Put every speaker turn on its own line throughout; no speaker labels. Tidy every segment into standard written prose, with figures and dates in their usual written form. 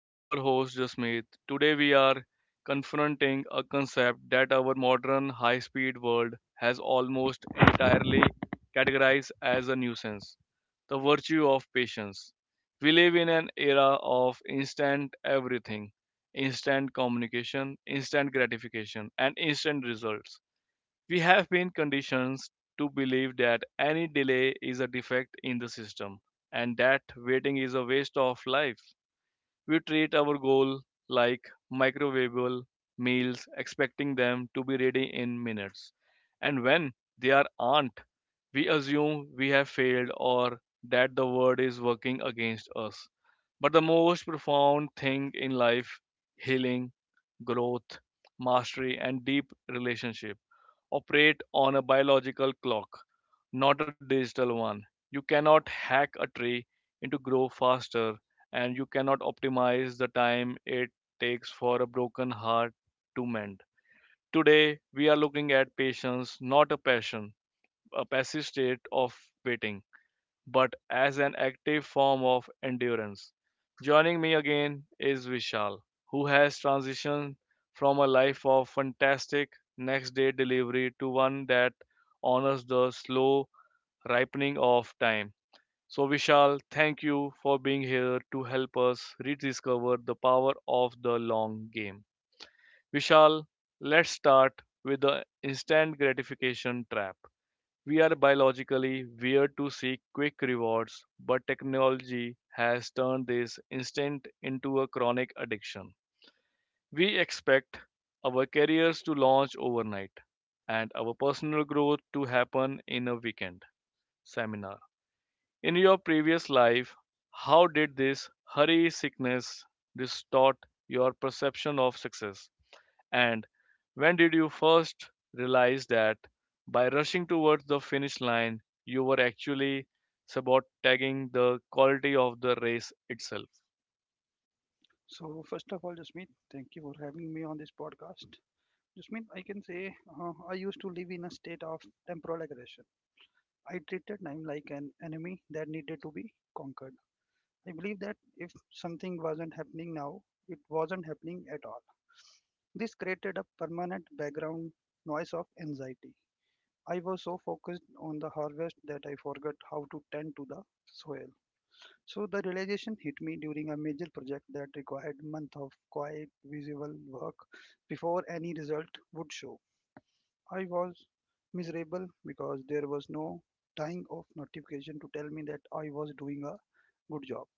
I'm your host, Jasmeet. Today, we are confronting a concept that our modern high speed world has almost entirely categorized as a nuisance, the virtue of patience. We live in an era of instant everything: instant communication, instant gratification, and instant results. We have been conditioned to believe that any delay is a defect in the system and that waiting is a waste of life. We treat our goal like microwavable meals, expecting them to be ready in minutes. And when they aren't, we assume we have failed or that the world is working against us. But the most profound thing in life, healing, growth, mastery, and deep relationship, operate on a biological clock, not a digital one. You cannot hack a tree into grow faster, and you cannot optimize the time it takes for a broken heart to mend. Today, we are looking at patience, not a passion, a passive state of waiting, but as an active form of endurance. Joining me again is Vishal, who has transitioned from a life of fantastic next day delivery to one that honors the slow ripening of time. So, Vishal, thank you for being here to help us rediscover the power of the long game. Vishal, let's start with the instant gratification trap. We are biologically wired to seek quick rewards, but technology has turned this instinct into a chronic addiction. We expect our careers to launch overnight and our personal growth to happen in a weekend seminar. In your previous life, how did this hurry sickness distort your perception of success? And when did you first realize that by rushing towards the finish line, you were actually sabotaging the quality of the race itself?
So, first of all, Jasmeet, thank you for having me on this podcast. Jasmeet, I can say I used to live in a state of temporal aggression. I treated time like an enemy that needed to be conquered. I believe that if something wasn't happening now, it wasn't happening at all. This created a permanent background noise of anxiety. I was so focused on the harvest that I forgot how to tend to the soil. So the realization hit me during a major project that required months of quiet visible work before any result would show. I was miserable because there was no dying of notification to tell me that I was doing a good job.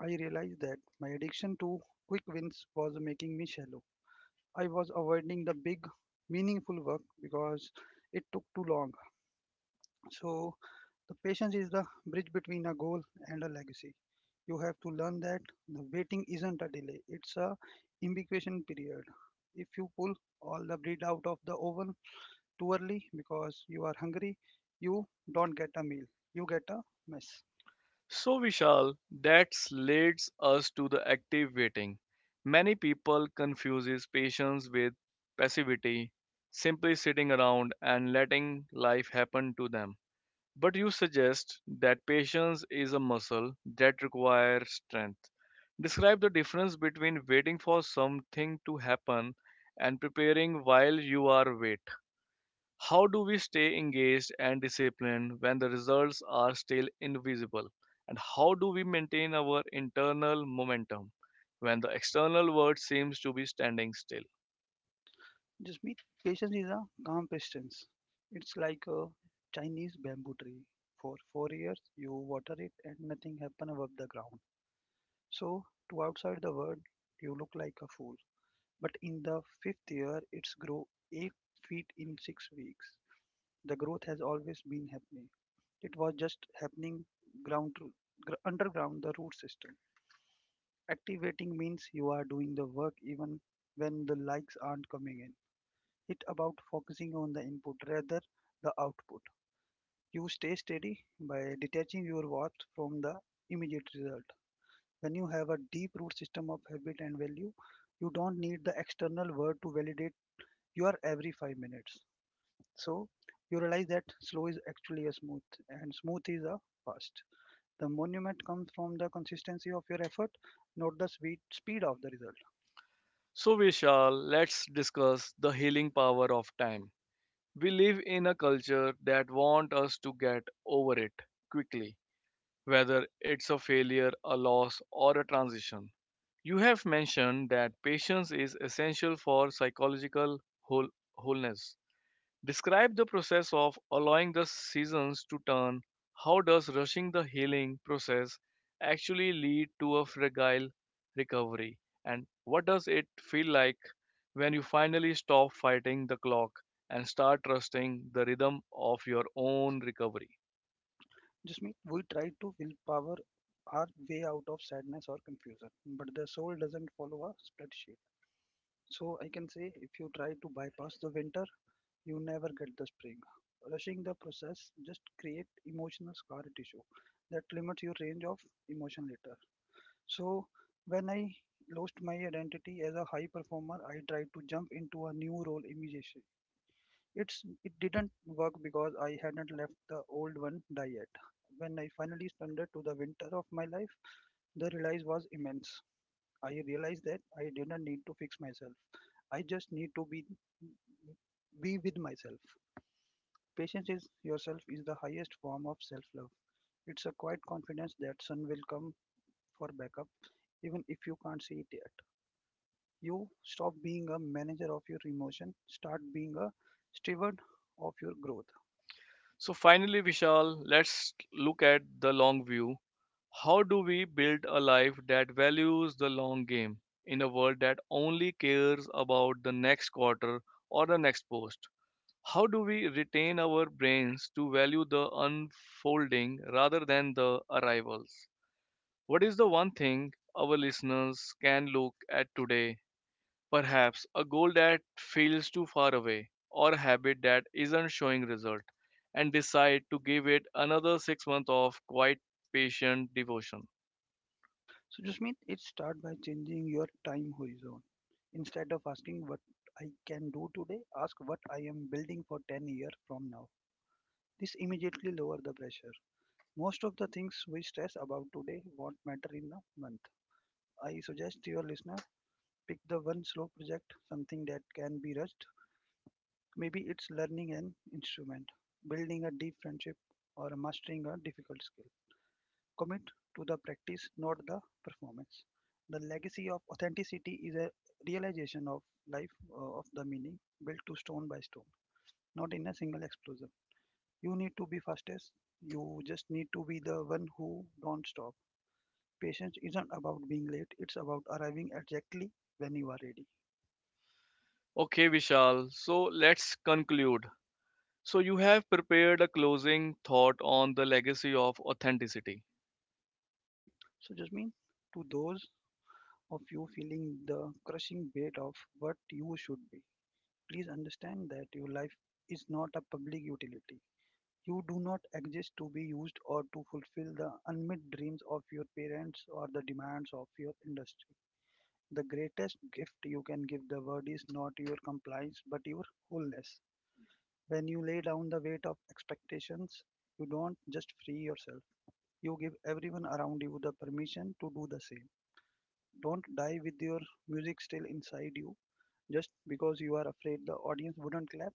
I realized that my addiction to quick wins was making me shallow. I was avoiding the big, meaningful work because it took too long. So, the patience is the bridge between a goal and a legacy. You have to learn that the waiting isn't a delay; it's a incubation period. If you pull all the bread out of the oven too early because you are hungry, you don't get a meal. You get a mess.
So, Vishal, that leads us to the active waiting. Many people confuses patience with passivity, simply sitting around and letting life happen to them. But you suggest that patience is a muscle that requires strength. Describe the difference between waiting for something to happen and preparing while you are wait. How do we stay engaged and disciplined when the results are still invisible? And how do we maintain our internal momentum when the external world seems to be standing still?
Just meet patience is a calm persistence. It's like a Chinese bamboo tree. For 4 years, you water it and nothing happens above the ground. So, to outside the world, you look like a fool, but in the fifth year it's grew 8 feet in 6 weeks. The growth has always been happening. It was just happening ground to, underground the root system. Activating means you are doing the work even when the likes aren't coming in. It's about focusing on the input rather the output. You stay steady by detaching your worth from the immediate result. When you have a deep root system of habit and value, you don't need the external world to validate your every 5 minutes. So you realize that slow is actually a smooth and smooth is a fast. The monument comes from the consistency of your effort, not the speed of the result.
So, Vishal, let's discuss the healing power of time. We live in a culture that wants us to get over it quickly, whether it's a failure, a loss, or a transition. You have mentioned that patience is essential for psychological wholeness. Describe the process of allowing the seasons to turn. How does rushing the healing process actually lead to a fragile recovery? And what does it feel like when you finally stop fighting the clock and start trusting the rhythm of your own recovery?
Just mean we try to willpower our way out of sadness or confusion, but the soul doesn't follow a spreadsheet. So I can say if you try to bypass the winter, you never get the spring. Rushing the process just create emotional scar tissue that limits your range of emotion later. So, when I lost my identity as a high performer, I tried to jump into a new role immediately. It didn't work because I hadn't left the old one die yet. When I finally surrendered to the winter of my life, the release was immense. I realized that I didn't need to fix myself. I just need to be with myself. Patience is yourself is the highest form of self-love. It's a quiet confidence that sun will come for backup, even if you can't see it yet. You stop being a manager of your emotion, start being a steward of your growth.
So finally, Vishal, let's look at the long view. How do we build a life that values the long game in a world that only cares about the next quarter or the next post? How do we retain our brains to value the unfolding rather than the arrivals? What is the one thing our listeners can look at today? Perhaps a goal that feels too far away or a habit that isn't showing result, and decide to give it another 6 months of quiet patient devotion.
So just mean it start by changing your time horizon. Instead of asking what I can do today, ask what I am building for 10 years from now. This immediately lower the pressure. Most of the things we stress about today won't matter in a month. I suggest your listener pick the one slow project, something that can be rushed. Maybe it's learning an instrument, building a deep friendship, or mastering a difficult skill. Commit to the practice, not the performance. The legacy of authenticity is a realization of life of the meaning built to stone by stone, not in a single explosion. You need to be fastest. You just need to be the one who don't stop. Patience isn't about being late. It's about arriving exactly when you are ready.
Okay, Vishal, so let's conclude. So you have prepared a closing thought on the legacy of authenticity.
So just mean to those of you feeling the crushing weight of what you should be. Please understand that your life is not a public utility. You do not exist to be used or to fulfill the unmet dreams of your parents or the demands of your industry. The greatest gift you can give the world is not your compliance but your wholeness. When you lay down the weight of expectations, you don't just free yourself, you give everyone around you the permission to do the same. Don't die with your music still inside you, just because you are afraid the audience wouldn't clap.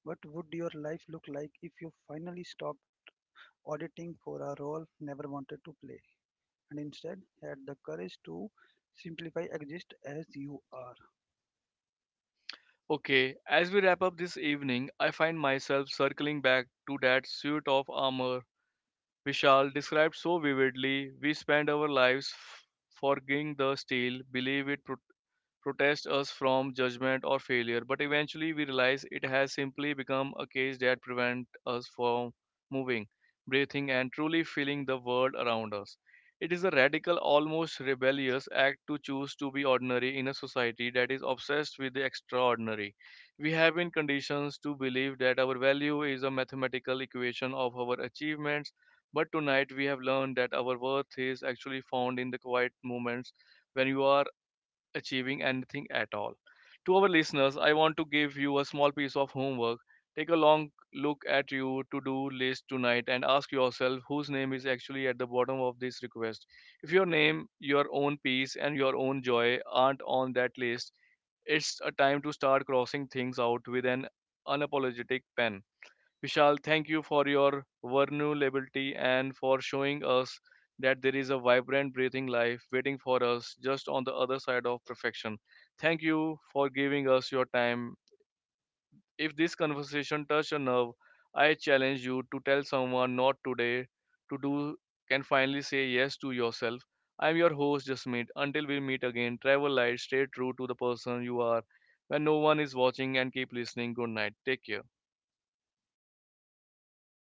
What would your life look like if you finally stopped auditing for a role never wanted to play and instead had the courage to simplify exist as you are?
Okay, as we wrap up this evening, I find myself circling back to that suit of armor Vishal described so vividly. We spend our lives forging the steel, believe it protest us from judgment or failure, but eventually we realize it has simply become a cage that prevents us from moving, breathing, and truly feeling the world around us. It is a radical, almost rebellious act to choose to be ordinary in a society that is obsessed with the extraordinary. We have been conditioned to believe that our value is a mathematical equation of our achievements, but tonight we have learned that our worth is actually found in the quiet moments when you are achieving anything at all. To our listeners, I want to give you a small piece of homework. Take a long look at your to do list tonight and ask yourself whose name is actually at the bottom of this request. If your name, your own peace, and your own joy aren't on that list, it's a time to start crossing things out with an unapologetic pen. Vishal, thank you for your vulnerability and for showing us that there is a vibrant, breathing life waiting for us just on the other side of perfection. Thank you for giving us your time. If this conversation touched a nerve, I challenge you to tell someone not today to do can finally say yes to yourself. I'm your host, Jasmeet. Until we meet again, travel light, stay true to the person you are. When no one is watching and keep listening, good night. Take care. Bye.